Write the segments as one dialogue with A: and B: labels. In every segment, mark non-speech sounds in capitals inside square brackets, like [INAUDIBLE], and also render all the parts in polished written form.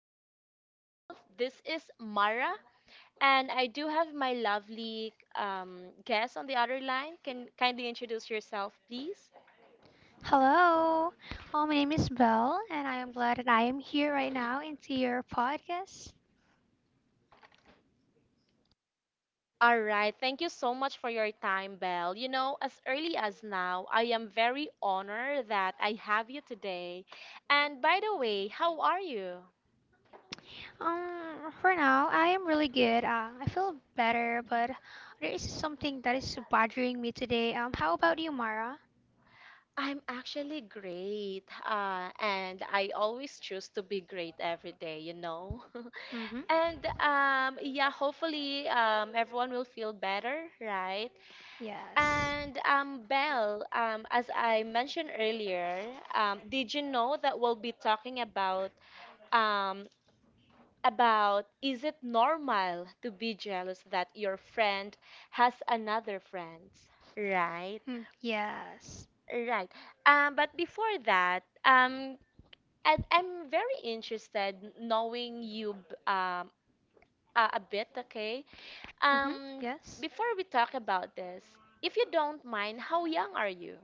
A: introduce myself. This is Mara, and I do have my lovely guest on the other line. Can kindly introduce yourself, please?
B: Hello, my name is Belle, and I am glad that I am here right now into your podcast.
A: All right. Thank you so much for your time, Belle. You know, as early as now, I am very honored that I have you today. And by the way, how are you?
B: For now, I am really good. I feel better, but there is something that is bothering me today. How about you, Mara?
A: I'm actually great. And I always choose to be great every day, you know? [LAUGHS]
B: Mm-hmm.
A: And yeah, hopefully everyone will feel better, right?
B: Yes.
A: And Belle, as I mentioned earlier, did you know that we'll be talking um, about is it normal to be jealous that your friend has another friend? Right,
B: Hmm. Yes.
A: right. But before that, I'm very interested knowing you a bit, okay?
B: Mm-hmm.
A: Um,
B: Yes.
A: Before we talk about this, if you don't mind, how young are you?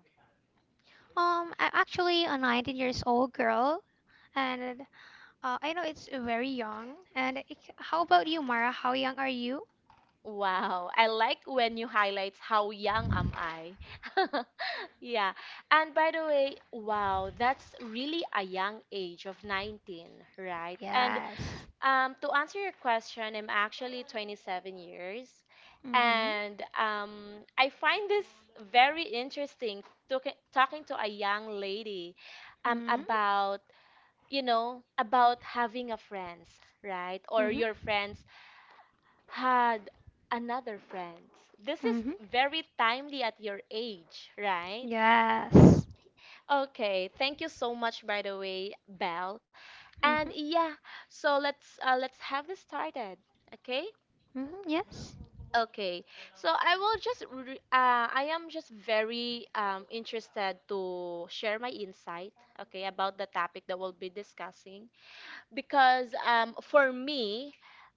B: I'm actually a 19 years old girl, and I know it's very young. And it, how about you, Mara? How young are you?
A: Wow, I like when you highlight how young am I. [LAUGHS] Yeah. And by the way, wow, that's really a young age of 19, right? And
B: Yes.
A: to answer your question, I'm actually 27 years.
B: Mm-hmm.
A: And I find this very interesting talking to a young lady
B: Mm-hmm.
A: about, you know, about having a friends, right? Or
B: Mm-hmm.
A: your friends had another friends. This is
B: Mm-hmm.
A: very timely at your age, right?
B: Yes.
A: Okay, thank you so much by the way, Belle. And
B: Mm-hmm.
A: yeah, so let's have this started. Okay?
B: Mm-hmm. Yes.
A: Okay. So I will just re I am just very interested to share my insight, okay, about the topic that we'll be discussing because for me,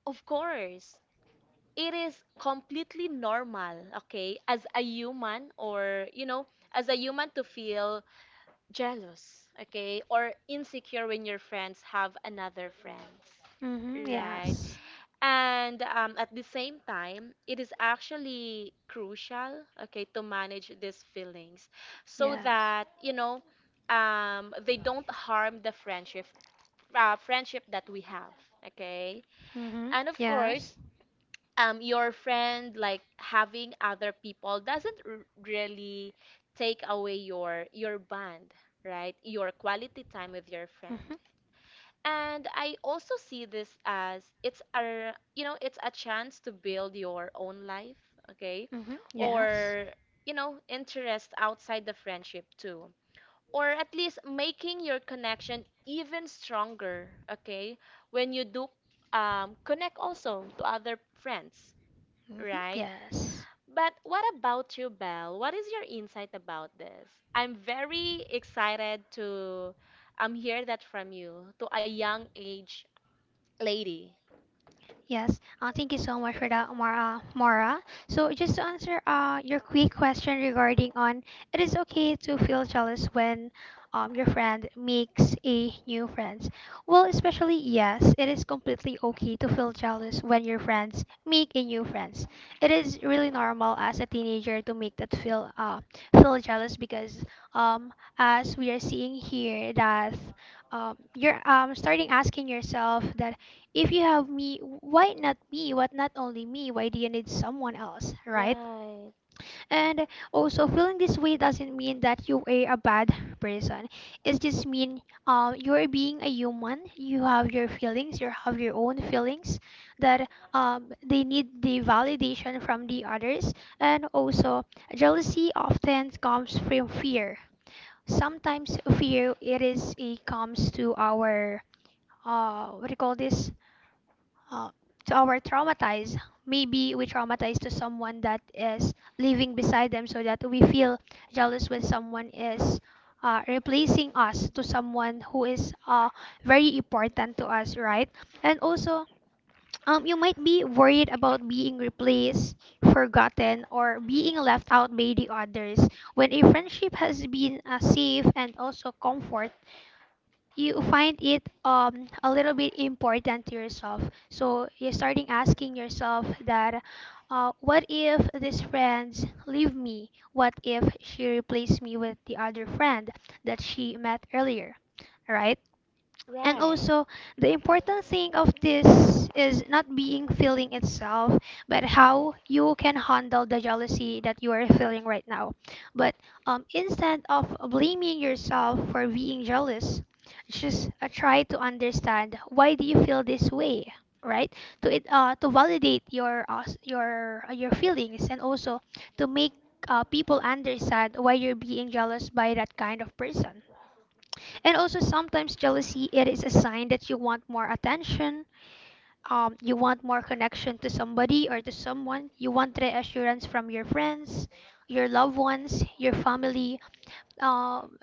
A: of course, it is completely normal, okay, as a human or you know, as a human to feel jealous, okay, or insecure when your friends have another friends.
B: Mm-hmm.
A: Right.
B: Yes.
A: And at the same time, it is actually crucial, okay, to manage these feelings so
B: Yes.
A: that, you know, they don't harm the friendship, friendship that we have, okay?
B: Mm-hmm.
A: And of course,
B: Yes.
A: your friend like having other people doesn't really take away your bond, right, your quality time with your
B: Mm-hmm.
A: friend. And I also see this as, it's a, you know, it's a chance to build your own life, okay,
B: Mm-hmm. Yes.
A: or you know interest outside the friendship too, or at least making your connection even stronger, okay, when you do connect also to other friends.
B: Mm-hmm.
A: Right.
B: Yes.
A: But what about you, Belle? What is your insight about this? I'm very excited to hear that from you, to a young age lady.
B: Yes, thank you so much for that, Mara. Mara. So just to answer your quick question regarding on, it is okay to feel jealous when your friend makes a new friends. Well, especially yes, it is completely okay to feel jealous when your friends make a new friends. It is really normal as a teenager to make that feel feel jealous because um, as we are seeing here that you're starting asking yourself that if you have me, why not me? What not only me? Why do you need someone else, right?
A: Right,
B: And also, feeling this way doesn't mean that you are a bad person. It just mean you're being a human. You have your feelings. You have your own feelings that they need the validation from the others. And also, jealousy often comes from fear. Sometimes fear it is it comes to our what do you call this? Uh, to our traumatized. Maybe we traumatize to someone that is living beside them so that we feel jealous when someone is replacing us to someone who is very important to us, right? And also, you might be worried about being replaced, forgotten, or being left out by the others. When a friendship has been safe and also comfort, you find it a little bit important to yourself, so you're starting asking yourself that what if these friends leave me, what if she replaced me with the other friend that she met earlier, right? And
A: right.
B: also, the important thing of this is not being feeling itself, but how you can handle the jealousy that you are feeling right now. But instead of blaming yourself for being jealous, just try to understand why do you feel this way, right? To it, to validate your your feelings, and also to make people understand why you're being jealous by that kind of person. And also sometimes jealousy, it is a sign that you want more attention, you want more connection to somebody or to someone, you want reassurance from your friends, your loved ones, your family. Um,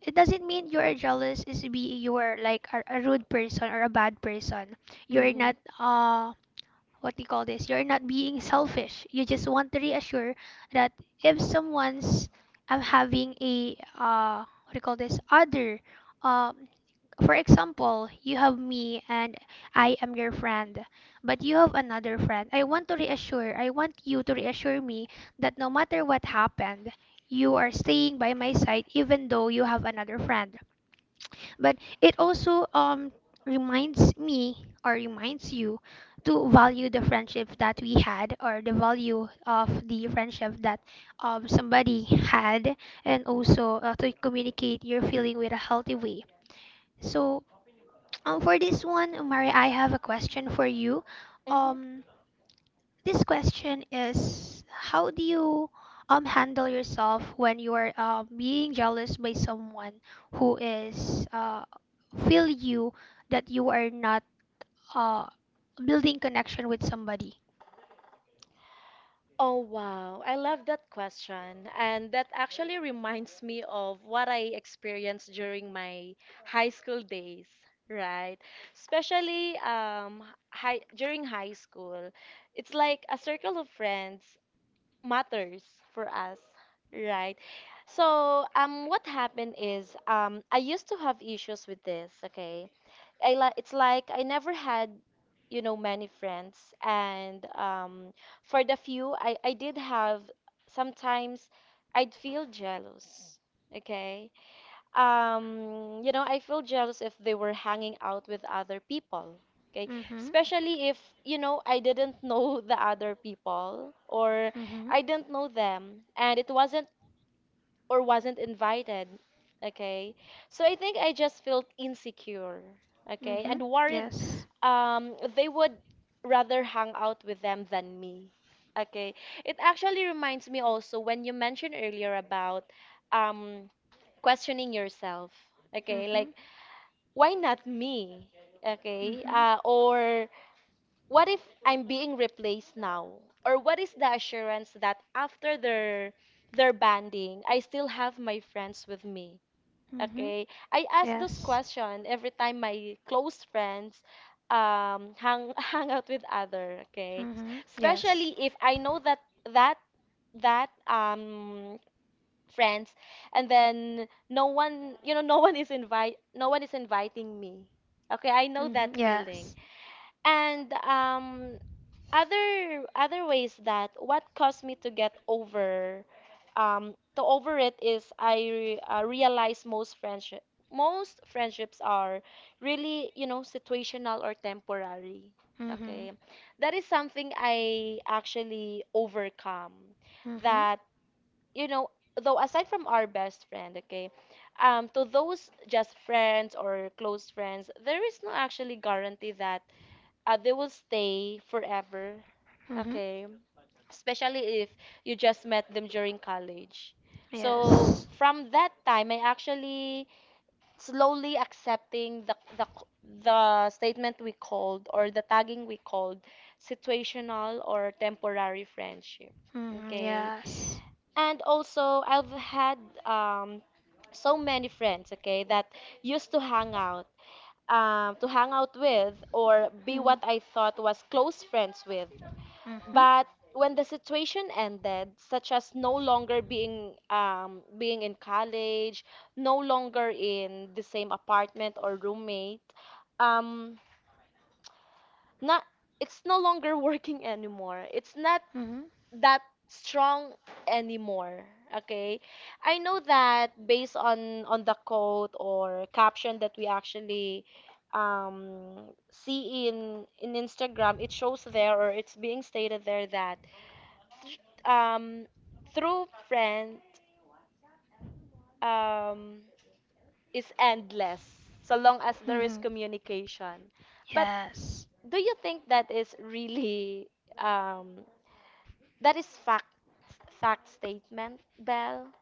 B: it doesn't mean you are jealous is be you are like a rude person or a bad person. You're
A: Mm-hmm.
B: not what do you call this? You're not being selfish. You just want to reassure that if someone's I'm having a what do you call this other um for example, you have me and I am your friend, but you have another friend. I want to reassure, I want you to reassure me that no matter what happened, you are staying by my side even though you have another friend. But it also reminds me or reminds you to value the friendship that we had, or the value of the friendship that somebody had, and also to communicate your feeling with a healthy way. So for this one, Umari, I have a question for you.
A: Mm-hmm.
B: Um, this question is, how do you handle yourself when you are being jealous by someone who is feel you that you are not uh building connection with somebody?
A: Oh wow, I love that question. And that actually reminds me of what I experienced during my high school days, right? Especially high during high school. It's like a circle of friends matters for us, right? So, what happened is, I used to have issues with this, okay? I like it's like I never had, you know, many friends, and for the few I did have, sometimes I'd feel jealous, okay? You know, I feel jealous if they were hanging out with other people. Okay,
B: Mm-hmm.
A: especially if, you know, I didn't [LAUGHS] know the other people or
B: Mm-hmm.
A: I didn't know them and it wasn't or wasn't invited. Okay. So I think I just felt insecure. Okay.
B: Mm-hmm.
A: And worried
B: Yes.
A: they would rather hang out with them than me. Okay. It actually reminds me also when you mentioned earlier about um, questioning yourself. Okay. Like,
B: Mm-hmm.
A: why not me? Okay.
B: Mm-hmm.
A: Or what if I'm being replaced now? Or what is the assurance that after their banding, I still have my friends with me?
B: Mm-hmm.
A: Okay? I ask those
B: Yes.
A: questions every time my close friends hang [LAUGHS] hang out with other, okay?
B: Mhm. Yes.
A: Especially if I know that that friends and then no one you know no one is inviting me. Okay, I know
B: Mhm.
A: that feeling.
B: Yes.
A: And other ways that what caused me to get over to over it is realize most friendships are really, you know, situational or temporary.
B: Mhm.
A: Okay, that is something I actually overcome.
B: Mhm.
A: That you know, though aside from our best friend, okay, to those just friends or close friends, there is no actually guarantee that they will stay forever,
B: Mhm.
A: okay? Especially if you just met them during college. So
B: Yes.
A: from that time, I actually slowly accepting the statement we called or the tagging we called situational or temporary friendship.
B: Mhm.
A: Okay.
B: Yes.
A: And also, I've had um, so many friends, okay, that used to hang out with or be
B: Mhm.
A: what I thought was close friends with.
B: Mhm.
A: But when the situation ended, such as no longer being in college, no longer in the same apartment or roommate, um, not it's no longer [LAUGHS] working anymore. It's not
B: Mhm.
A: that strong anymore. Okay, I know that based on the quote or caption that we actually um see in Instagram, it shows there or it's being stated there that um true friend um is endless so long as there is
B: Mhm.
A: communication. But
B: Yes.
A: do you think that is really um that is fact statement, bell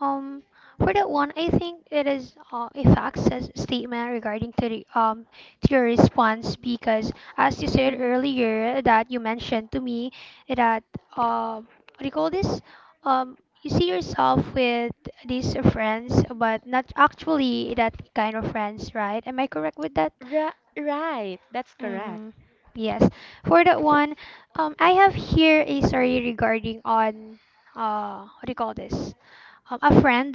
B: Um, for that one, I think it is a fact says statement regarding to the to your response, because as you said
A: Mm-hmm.
B: earlier that you mentioned to me that what do you call this you see yourself with these friends but not actually that kind of friends, right? Am I correct with that?
A: Right, right. That's correct.
B: Mm-hmm. Yes. For that one, I have here a story regarding on what do you call this? A friend,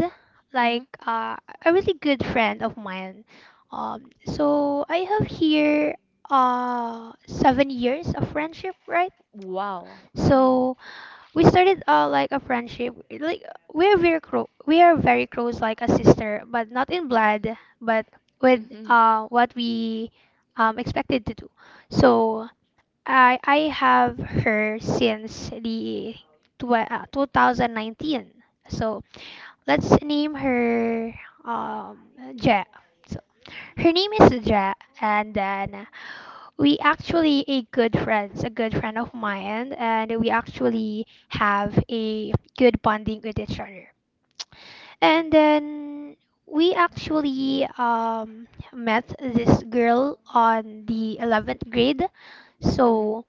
A: Mm-hmm.
B: like a really good friend of mine. So I have here 7 years of friendship, right?
A: Wow. Mm-hmm.
B: So we started like a friendship, like we are very close, like a sister, but not in blood, but with
A: Mm-hmm.
B: what we expected to do. So I have her since the 2019. So let's name her um Ja. So her name is Ja, and then we actually a good friends, a good friend of mine, and we actually have a good bonding with each other. And then we actually met this girl on the 11th grade.
A: Mm-hmm.
B: So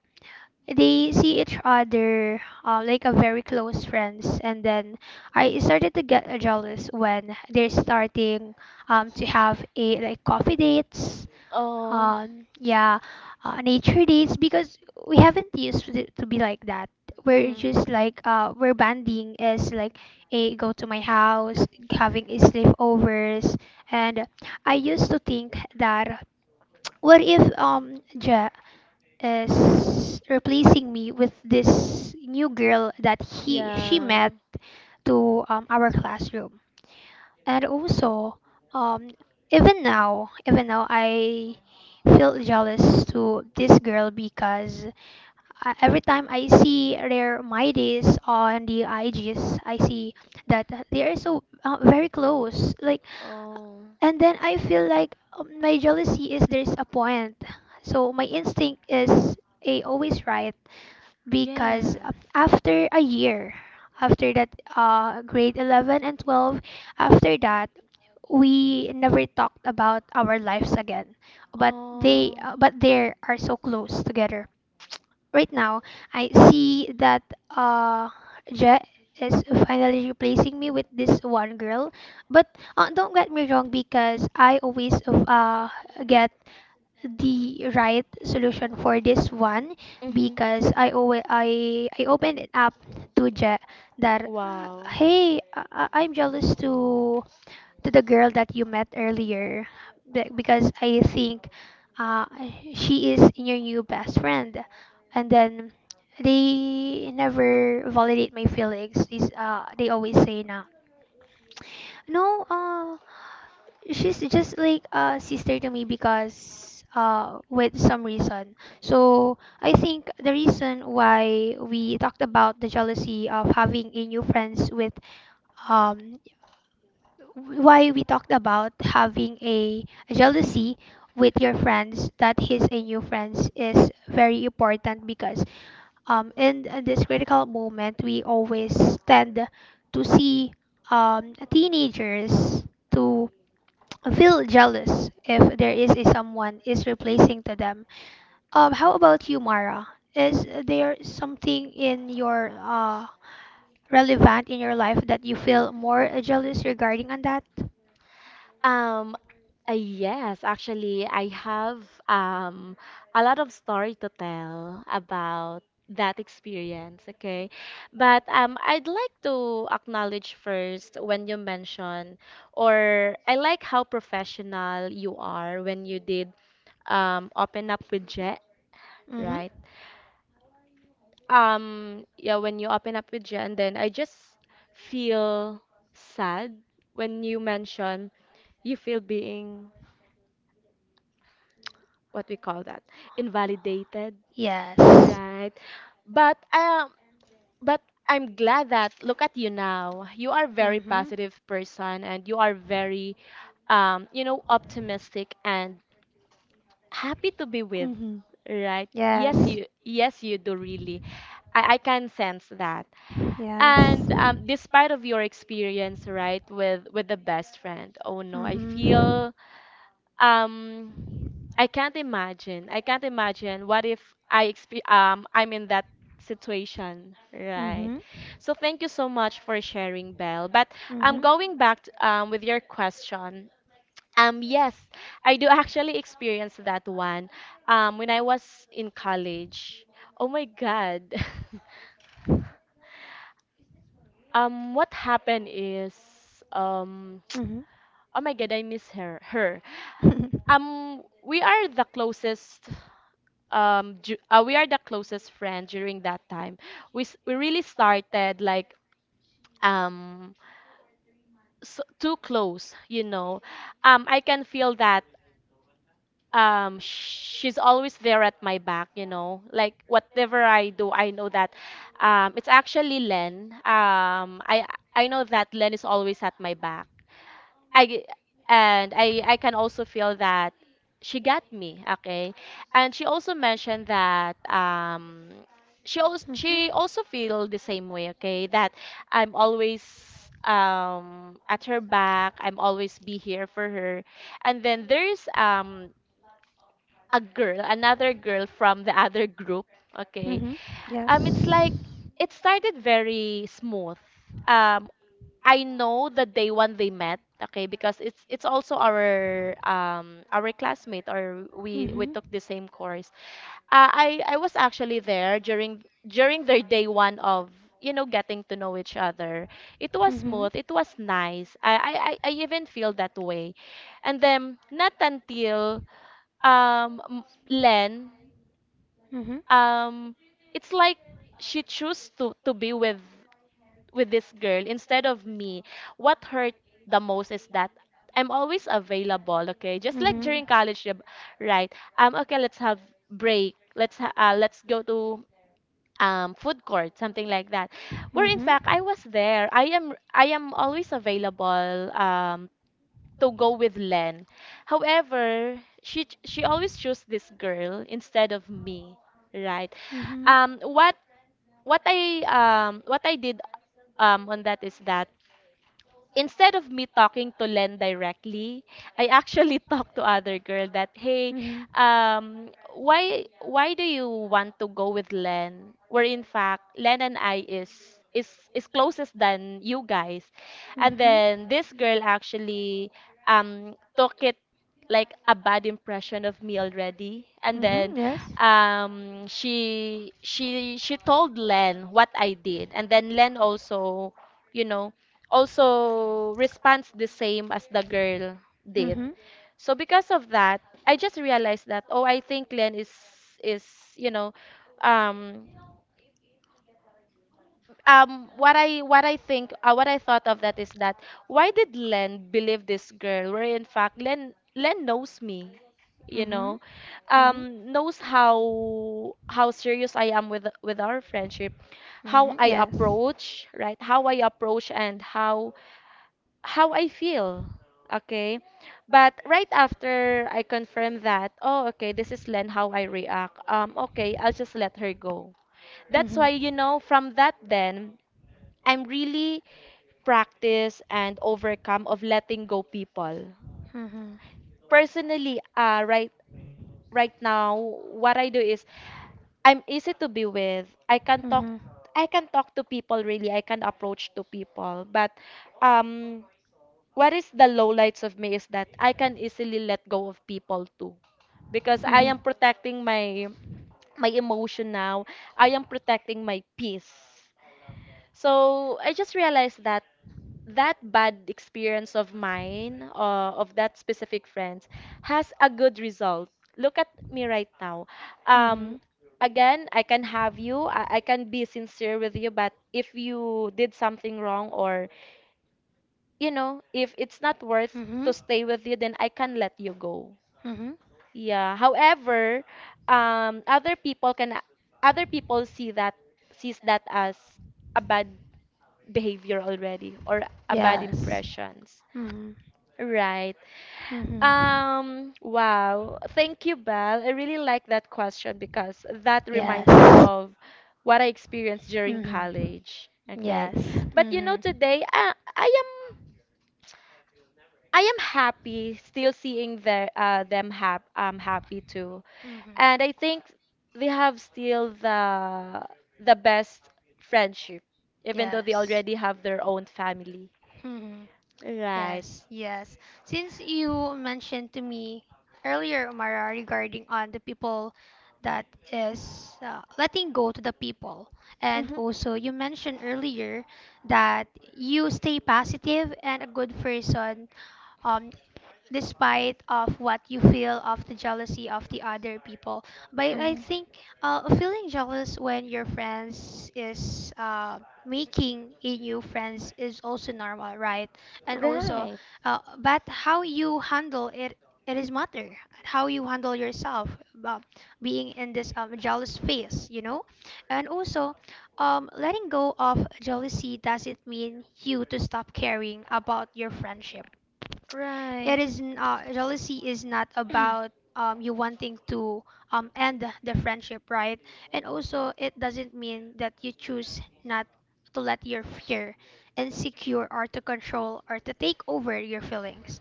B: they see each other like a very close friends, and then I started to get jealous when they're starting to have a like coffee dates,
A: Oh.
B: yeah, nature dates, because we haven't used to, it to be like that, we're
A: Mm.
B: just like we're banding is like a go to my house, having a sleepovers, and I used to think that what if Je- is replacing me with this new girl that he she
A: Yeah.
B: met to our classroom. And also, um, even now, I feel jealous to this girl, because every time I see their my days on the IGs, I see that they are so very close. Like,
A: Oh.
B: and then I feel like my jealousy is there's a point. So my instinct is a always right, because
A: Yes.
B: after a year, after that grade 11 and 12, after that, we never talked about our lives again. But they
A: Oh.
B: uh, but they are so close together. Right now, I see that uh, Je is finally replacing me with this one girl. But don't get me wrong, because I always get the right solution for this one,
A: Mm-hmm.
B: because I always I opened it up to Je that
A: Wow.
B: hey, I'm jealous to the girl that you met earlier, because I think uh, she is your new best friend, and then they never validate my feelings is they always say na, no, she's just like a sister to me because with some reason. So I think the reason why we talked about the jealousy of having a new friends with um why we talked about having a jealousy with your friends that he's a new friends is very important, because in this critical moment we always tend to see teenagers to feel jealous if there is a someone is replacing to them. How about you, Mara? Is there something in your relevant in your life that you feel more jealous regarding on that?
A: Um, yes, actually, I have um a lot of story to tell about that experience, okay? But I'd like to acknowledge first when you mention or I like how professional you are when you did open up with Jet,
B: Mm-hmm.
A: right? Yeah, when you open up with Jet and then I just feel sad when you mention you feel being what we call that, invalidated,
B: Yes.
A: right? But um but I'm glad that look at you now, you are very
B: Mm-hmm.
A: positive person and you are very you know optimistic and happy to be with,
B: Mm-hmm.
A: right? Yes,
B: Yes.
A: you, yes, you do really, I can sense that.
B: Yes.
A: And despite of your experience, right, with the best friend, oh no, I
B: Mm-hmm.
A: feel um I can't imagine. I can't imagine what if I'm in that situation, right?
B: Mm-hmm.
A: So thank you so much for sharing, Belle. But I'm
B: Mm-hmm.
A: going back to, with your question. Yes, I do actually experience that one. When I was in college. Oh my God. [LAUGHS] What happened is um
B: Mhm.
A: oh my god, I miss her.
B: [LAUGHS]
A: We are the closest. Ju we are the closest friend during that time. We really started like um so, too close, you know. I can feel that she's always there at my back, you know, like whatever I do, I know that it's actually Len, I know that Len is always at my back. I And I can also feel that she got me, okay, and she also mentioned that
B: Mhm. Mhm.
A: she also feel the same way, okay, that I'm always at her back, I'm always be here for her. And then there's a girl, another girl from the other group. Okay.
B: Mhm. Yes.
A: It's like it started very smooth. Um, I know the day one they met, okay, because it's also our classmate or we
B: Mhm.
A: took the same course. I was actually there during their day one of you know getting to know each other. It was
B: Mhm.
A: smooth. It was nice. I even feel that way, and then not until Len
B: Mhm.
A: um it's like she chose to be with this girl instead of me. What hurt the most is that I'm always available, okay, just like
B: Mhm.
A: during college job, right? Okay, let's have break, let's go to food court, something like that, where in
B: Mhm.
A: fact I was there, I am always available to go with Len. However, she always chose this girl instead of me, right?
B: Mhm.
A: What what I did on that is that, instead of me talking to Len directly, I actually [LAUGHS] talked to other girl that, hey,
B: Mhm.
A: um, why do you want to go with Len? Where in fact Len and I is closest than you guys. And
B: Mhm.
A: then this girl actually took it like a bad impression of me already. And
B: Mhm.
A: then
B: Yes.
A: um, she she told Len what I did, and then Len also you know also responds the same as the girl did.
B: Mhm.
A: So because of that, I just realized that, oh, I think Len is you know um um, what I think what I thought of that is that why did Len believe this girl where in fact Len knows me, you
B: Mhm.
A: know
B: Mhm.
A: knows how serious I am with our friendship, how
B: Mhm.
A: I
B: Yes.
A: approach. Right. How I approach and how I feel. Okay. But right after I confirm that, oh, okay, this is Len, how I react, okay, I'll just let her go. That's why,
B: Mhm.
A: you know, from that then, I'm really practice and overcome of letting go people.
B: Mhm.
A: Personally, right now, what I do is I'm easy to be with. I can talk.
B: Mhm.
A: I can talk to people, really. I can approach to people. But um what is the lowlights of me is that I can easily let go of people too. Because I
B: Mhm.
A: am protecting my my emotion now. I am protecting my peace. So I just realized that that bad experience of mine, of that specific friend, has a good result. Look at me right now. Um,
B: Mhm.
A: Again, I can have you, I can be sincere with you, but if you did something wrong or, you know, if it's not worth
B: Mhm.
A: to stay with you, then I can let you go.
B: Mhm.
A: Yeah. However, um, other people can other people see that, sees that as a bad behavior already or a bad
B: Yes.
A: impressions.
B: Mhm.
A: Right.
B: Mhm.
A: Wow. Thank you, Belle. I really like that question because that reminds me
B: Yes.
A: of what I experienced during
B: Mhm.
A: college. Okay.
B: Yes.
A: But you know,
B: Mhm.
A: today I am happy still seeing their them hap I'm happy too.
B: Mhm.
A: And I think they have still the best friendship, even though they
B: Yes.
A: already have their own family.
B: Mhm.
A: Right.
B: Yes, yes. Since you mentioned to me earlier, Umara, regarding on the people that is letting go to the people,
A: Hmm.
B: and
A: Hmm.
B: also you mentioned earlier that you stay positive and a good person um despite of what you feel of the jealousy of the other people, but I think feeling jealous when your friends is making a new friends is also normal, right? And also
A: Right,
B: but how you handle it, it is matter how you handle yourself uh, being in this jealous phase, you know. And also letting go of jealousy doesn't mean you to stop caring about your friendship,
A: right.
B: it is jealousy is not about you wanting to end the friendship, right? And also, it doesn't mean that you choose not to let your fear, insecure, or to control or to take over your feelings.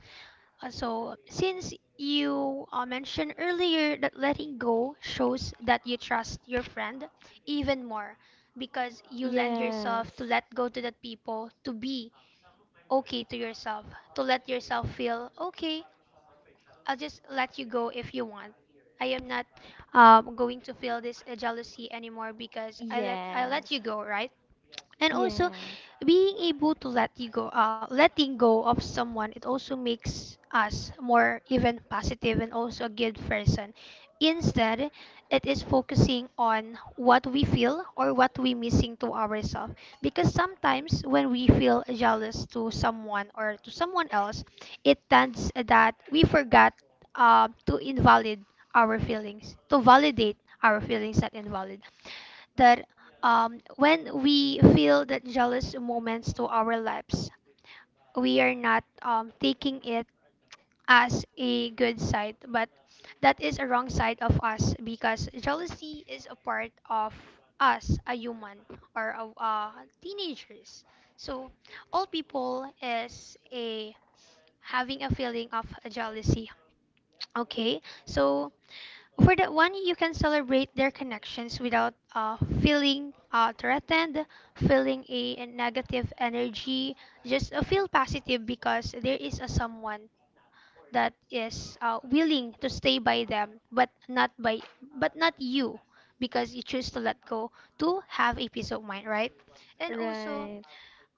B: So, since you mentioned earlier that letting go shows that you trust your friend even more, because you lend
A: Yes.
B: yourself to let go to that people to be okay to yourself, to let yourself feel okay, I'll just let you go if you want. I am not going to feel this jealousy anymore because I
A: Yes.
B: let you go, right? And also,
A: Yes.
B: being able to let you go, letting go of someone, it also makes us more even positive and also a good person instead. It is focusing on what we feel or what we missing to ourselves, because sometimes when we feel jealous to someone or to someone else, it tends that we forgot to invalid our feelings, to validate our feelings, not invalid. That, when we feel that jealous moments to our lives, we are not taking it as a good side, but that is a wrong side of us, because jealousy is a part of us, a human, or teenagers. So all people is a having a feeling of jealousy. Okay, so for that one, you can celebrate their connections without feeling threatened, feeling a negative energy. Just feel positive because there is a someone that is willing to stay by them, but not by, but not you, because you choose to let go to have a peace of mind, right? And also,
A: Right.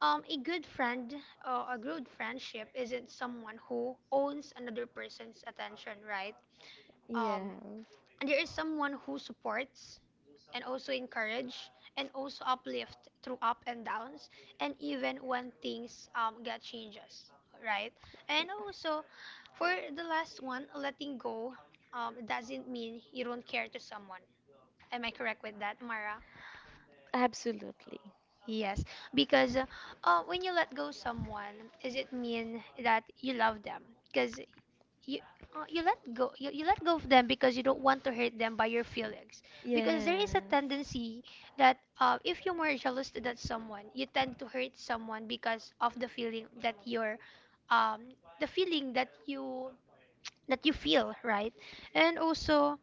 B: a good friend, a good friendship isn't someone who owns another person's attention, right? Um,
A: Yes.
B: and there is someone who supports and also encourage and also uplift through up and downs, and even when things get changes, right? And also, for the last one, letting go doesn't mean you don't care to someone. Am I correct with that, Mara?
A: Absolutely.
B: Yes. Because when you let go someone, does it mean that you love them? Because you, you let go, you let go of them because you don't want to hurt them by your feelings. Because there is a
A: Yes.
B: tendency that, if you were jealous to that someone, you tend to hurt someone because of the feeling that you're um the feeling that you feel, right? And also,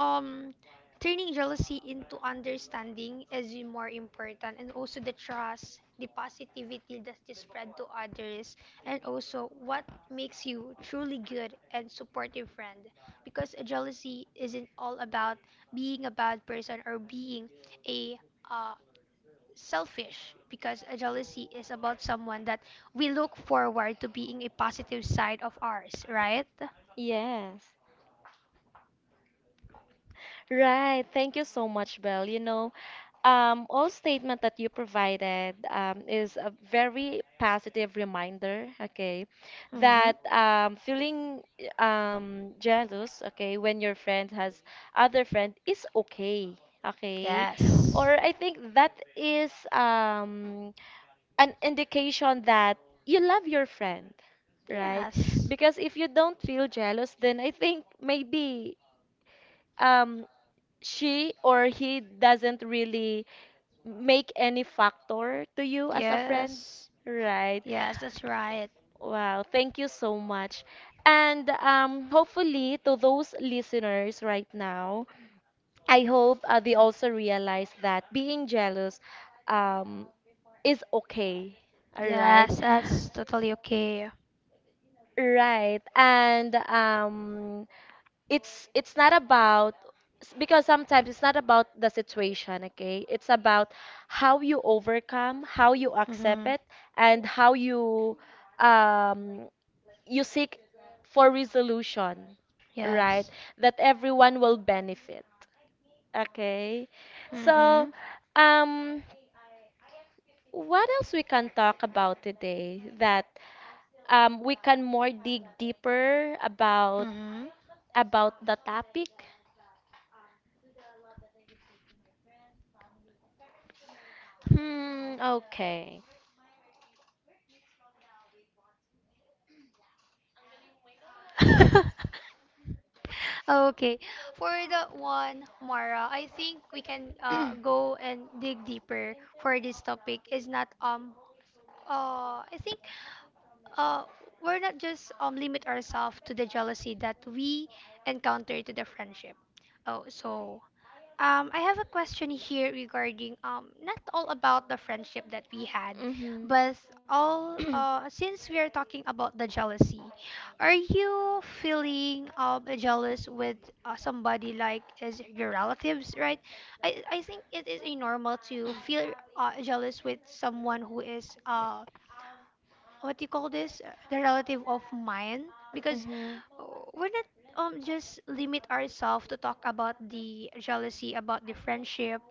B: um turning jealousy into understanding is more important, and also the trust, the positivity that you spread to others, and also what makes you truly good and supportive friend. Because jealousy isn't all about being a bad person or being a uh, selfish, because a jealousy is about someone that we look forward to being a positive side of ours, right?
A: Yes. Right. Thank you so much, Belle. You know, all statement that you provided is a very positive reminder, okay,
B: Mm-hmm.
A: that feeling jealous, okay, when your friend has other friend is okay, okay,
B: Yes.
A: or I think that is an indication that you love your friend, right?
B: Yes.
A: Because if you don't feel jealous, then I think maybe um, she or he doesn't really make any factor to you as a friend,
B: Yes,
A: right?
B: Yes, that's right.
A: Wow, thank you so much. And hopefully, to those listeners right now, I hope they also realize that being jealous um, is okay. All right.
B: Yes, that's totally okay.
A: Right. And it's not about because sometimes it's not about the situation, okay? It's about how you overcome, how you accept
B: Mm-hmm.
A: it, and how you um you seek for resolution, right?
B: Yes.
A: That everyone will benefit. Okay. So,
B: Mm-hmm.
A: um what else we can talk about today that we can more dig deeper
B: Mm-hmm.
A: about the topic? Hmm, okay.
B: [LAUGHS] Okay. For that one, Mara, I think we can go and dig deeper for this topic. Is not I think, uh, we're not just limit ourselves to the jealousy that we encounter to the friendship. Oh, so I have a question here regarding not all about the friendship that we had,
A: Mm-hmm.
B: but all since we are talking about the jealousy, are you feeling jealous with somebody like is your relatives, right? I think it is a normal to feel jealous with someone who is what you call this, the relative of mine, because
A: Mm-hmm.
B: uh, we're not just limit ourselves to talk about the jealousy about the friendship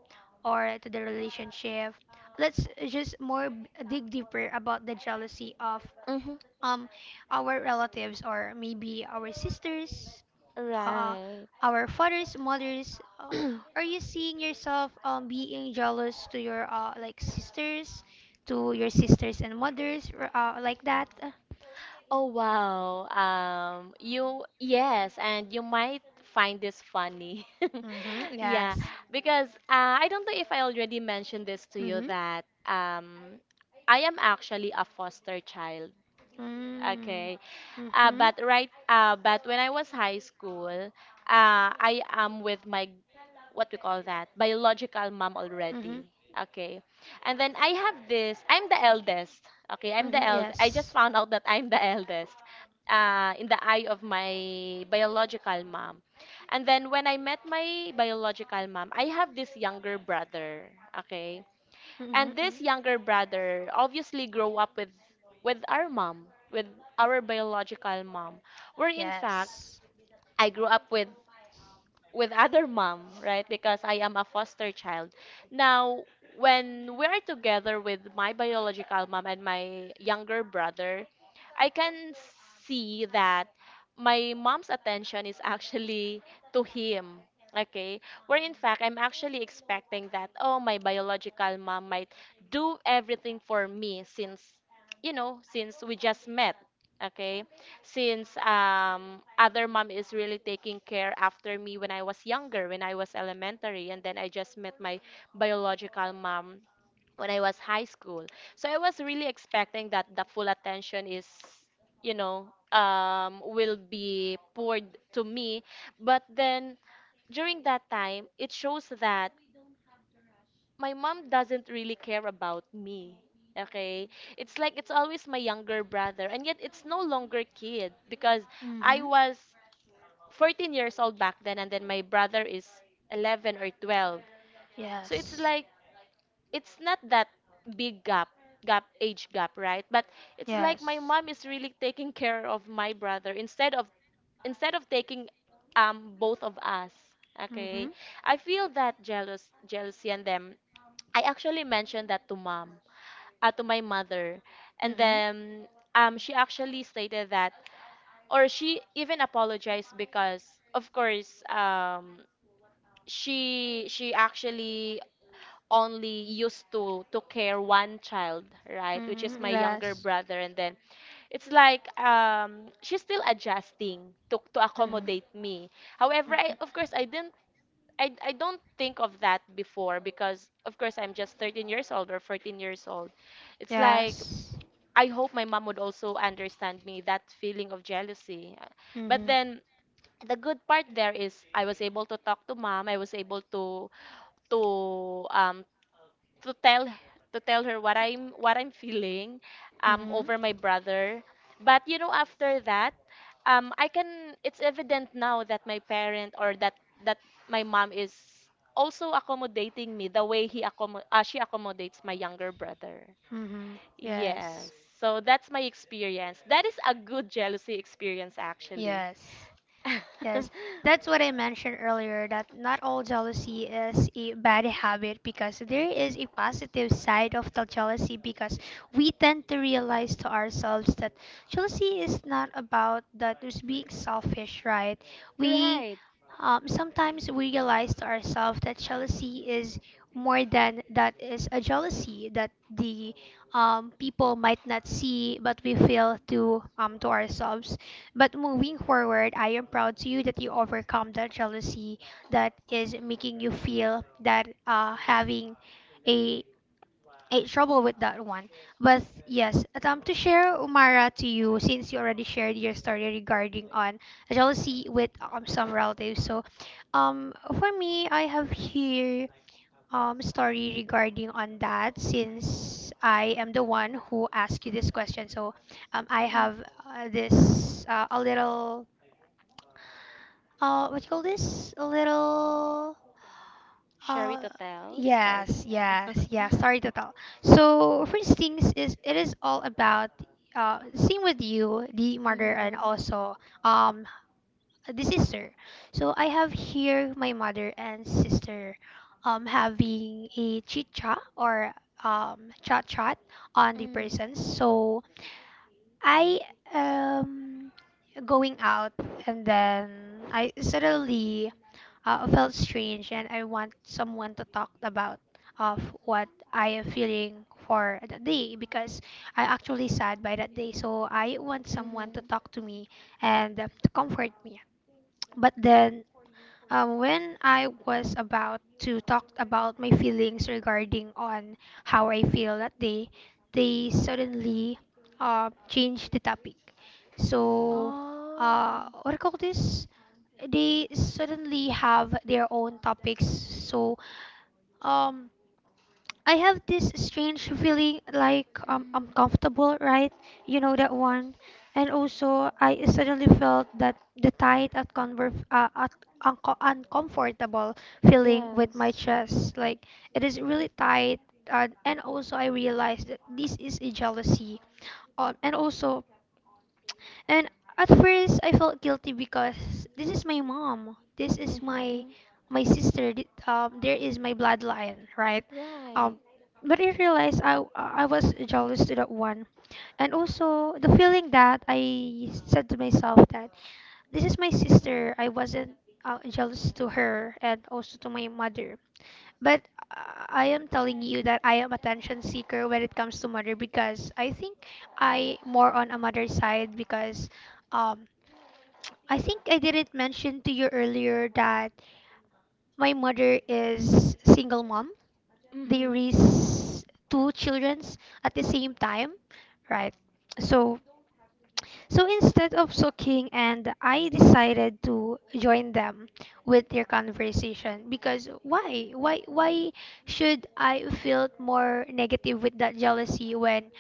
B: or to the relationship. Let's just more dig deeper about the jealousy of
A: Mm-hmm.
B: um our relatives, or maybe our sisters, uh,
A: Right.
B: our fathers, mothers. Uh, are you seeing yourself being jealous to your like sisters, to your sisters and mothers, or like that?
A: Oh wow. You yes, and you might find this funny.
B: Mm-hmm.
A: [LAUGHS] Yeah,
B: Yes.
A: because I don't know if I already mentioned this to you
B: Mm-hmm.
A: that I am actually a foster child.
B: Mm.
A: Okay.
B: Mm-hmm.
A: But when I was high school, I am with my what we call that biological mom
B: Mm-hmm.
A: already, okay. And then I have this I'm the eldest. Okay, I'm the
B: Mm-hmm.
A: eld I just
B: Yes.
A: found out that I'm the [LAUGHS] eldest in the eye of my biological mom. And then when I met my biological mom, I have this younger brother, okay. And
B: Mm-hmm.
A: this younger brother obviously grew up with our mom, with our biological mom, where in fact I grew up with other mom, right? Because I am a foster child. Now, when we're together with my biological mom and my younger brother, I can see that my mom's attention is actually to him. Okay, where in fact I'm actually expecting that, oh, my biological mom might do everything for me since, you know, since we just met. Okay, since other mom is really taking care after me when I was younger, when I was elementary, and then I just met my biological mom when I was high school. So I was really expecting that the full attention is, you know, will be poured to me. But then during that time, it shows that my mom doesn't really care about me. Okay? It's like it's always my younger brother, and yet it's no longer kid because I
B: Mm-hmm.
A: was 14 years old back then, and then my brother is 11 or 12. So it's
B: Yes.
A: like it's not that big gap, age gap, right? But it's like my
B: Yes.
A: mom is really taking care of my brother instead of taking both of us,
B: Mm-hmm.
A: okay. I feel that jealousy. And them I actually mentioned that to mom, to my mother. And
B: Mm-hmm.
A: then she actually stated that, or she even apologized, because of course she actually only used to care one child, right, which is
B: Mm-hmm.
A: my younger
B: Yes.
A: brother. And then it's like she's still adjusting to
B: Mm-hmm.
A: accommodate me. However,
B: Mm-hmm.
A: of course I didn't I don't think of that before because of course I'm just 13 years old or 14 years old. It's like
B: Yes.
A: I hope my mom would also understand me that feeling of jealousy. But
B: Mm-hmm.
A: then the good part there is I was able to talk to mom. I was able to um to tell to tell her what I'm feeling
B: Mm-hmm.
A: over my brother. But you know after that I can it's evident now that my parent, or that that my mom is also accommodating me the way he accommod she accommodates my younger brother.
B: Mm-hmm.
A: Yes.
B: Yes.
A: So that's my experience. That is a good jealousy experience, actually.
B: Yes.
A: [LAUGHS]
B: Yes. That's what I mentioned earlier, that not all jealousy is a bad habit, because there is a positive side of the jealousy, because we tend to realize to ourselves that jealousy is not about that is being selfish, right? We
A: Right.
B: Sometimes we realize to ourselves that jealousy is more than that, is a jealousy that the people might not see, but we feel to ourselves. But moving forward, I am proud to you that you overcome that jealousy that is making you feel that, having a a trouble with that one. But yes, attempt to share, Umara, to you, since you already shared your story regarding on jealousy with some relatives. So, um, for me, I have here story regarding on that, since I am the one who asked you this question. So, I
A: Mm-hmm.
B: have this a little what you call this, a little uh,
A: Story to
B: yes,
A: tell.
B: yes,
A: [LAUGHS]
B: yeah. Sorry to tell. So first things is it is all about same with you, the mother and
A: Mm-hmm.
B: also um the sister. So I have here my mother and sister having a chit chat or chat chat on the
A: Mm.
B: presents. So I am going out and then I suddenly felt strange, and I want someone to talk about of what I am feeling for that day because I actually sad by that day. So I want someone to
A: Mm-hmm.
B: talk to me and to comfort me. But then when I was about to talk about my feelings regarding on how I feel that day, they suddenly changed the topic. So,
A: Oh.
B: what do you call this? They suddenly have their own topics. So, um, I have this strange feeling like, I'm
A: Mm-hmm.
B: comfortable, right? You know that one. And also, I suddenly felt that the tight at uncomfortable feeling with
A: Yes.
B: my chest. Like it is really tight. And also, I realized that this is a jealousy. And also, and at first I felt guilty because this is my mom, this is
A: Mm-hmm.
B: my sister, there is my bloodline, right? Um,
A: Right.
B: but I realized I was jealous to that one, and also the feeling that I said to myself that this is my sister, I wasn't jealous to her and also to my mother. But I am telling you that I am attention seeker when it comes to mother because I think I more on a mother side because. Um, I think I didn't mention to you earlier that my mother is single mom. They
A: Mm-hmm.
B: raise two children at the same time, right? So so instead of sulking, and I decided to join them with their conversation because why should I feel more negative with that jealousy, when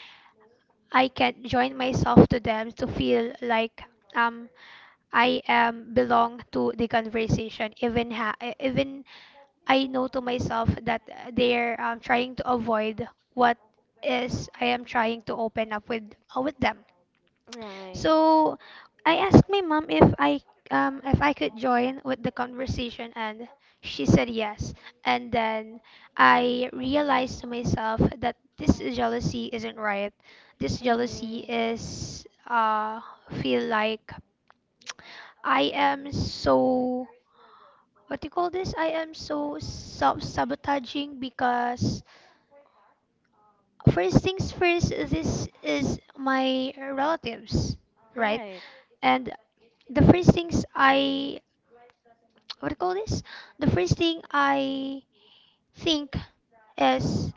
B: I can join myself to them to feel like, um I am belong to the conversation, even I know to myself that, they're trying to avoid what is I am trying to open up with them.
A: Right.
B: So I asked my mom if I could join with the conversation, and she said yes. And then I realized to myself that this jealousy isn't right. This jealousy
A: Mm-hmm.
B: is feel like I am so, what do you call this? I am so sub sabotaging because, first things first, this is my relatives, right?
A: Right.
B: And the first things I, what do you call this? The first thing I think is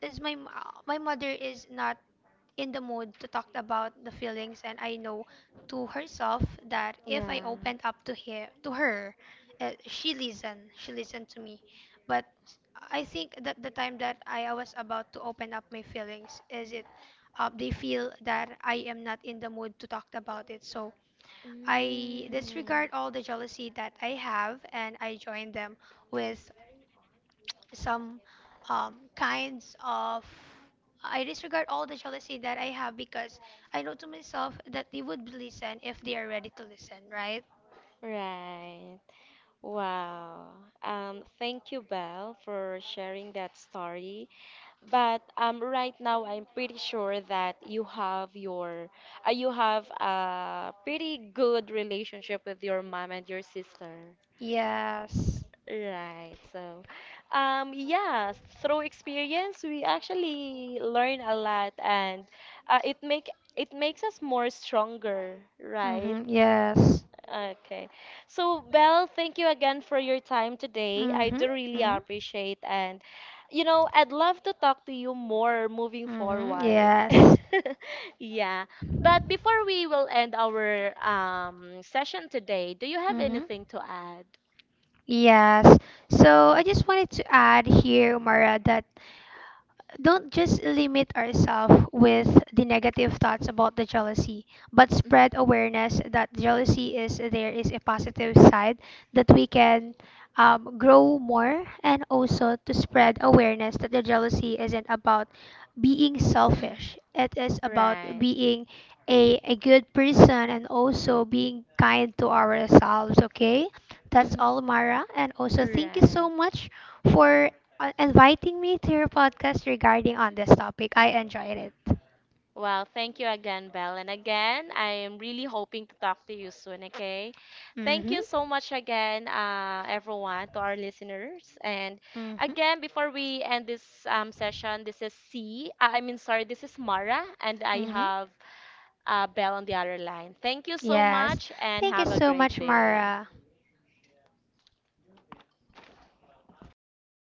B: my my mother is not in the mood to talk about the feelings, and I know to herself that if I
A: Yeah.
B: opened up to her, she listened to me, but I think that the time that I was about to open up my feelings is it, they feel that I am not in the mood to talk about it. So I
A: Mm.
B: disregard all the jealousy that I have and I join them with some kinds of, I disregard all the jealousy that I have because I know to myself that they would listen if they are ready to listen, right?
A: Right. Wow. Thank you, Belle, for sharing that story. But right now, I'm pretty sure that you have your, you have a pretty good relationship with your mom and your sister.
B: Yes.
A: Right. So, yeah, through experience, we actually learn a lot, and uh, it make it makes us more stronger, right?
B: Mm-hmm. Yes.
A: Okay. So, Belle, thank you again for your time today. I
B: Mm-hmm.
A: do really
B: Mm-hmm.
A: appreciate. And you know, I'd love to talk to you more moving
B: Mm-hmm.
A: forward.
B: Yes.
A: [LAUGHS] Yeah. But before we will end our session today, do you have
B: Mm-hmm.
A: anything to add?
B: Yes. So I just wanted to add here, Mara, that don't just limit ourselves with the negative thoughts about the jealousy, but
A: Mhm.
B: spread awareness that jealousy is there is a positive side that we can grow more, and also to spread awareness that the jealousy isn't about being selfish. It is about
A: Right.
B: being a good person and also being kind to ourselves, okay? That's
A: Hmm.
B: all, Mara. And also, thank you so
A: Right.
B: much for inviting me to your podcast regarding on this topic. I enjoyed it.
A: Well, thank you again, Belle. And again, I am really hoping to talk to you soon, okay? Thank you
B: Mhm.
A: so much again, everyone, to our listeners. And
B: Mhm.
A: again, before we end this session, this is C. I mean, sorry, this is Mara, and I
B: Mhm.
A: have Belle on the other line. Thank you so
B: Yes.
A: much, and
B: Thank you
A: have a
B: so
A: great
B: much,
A: day.
B: Mara.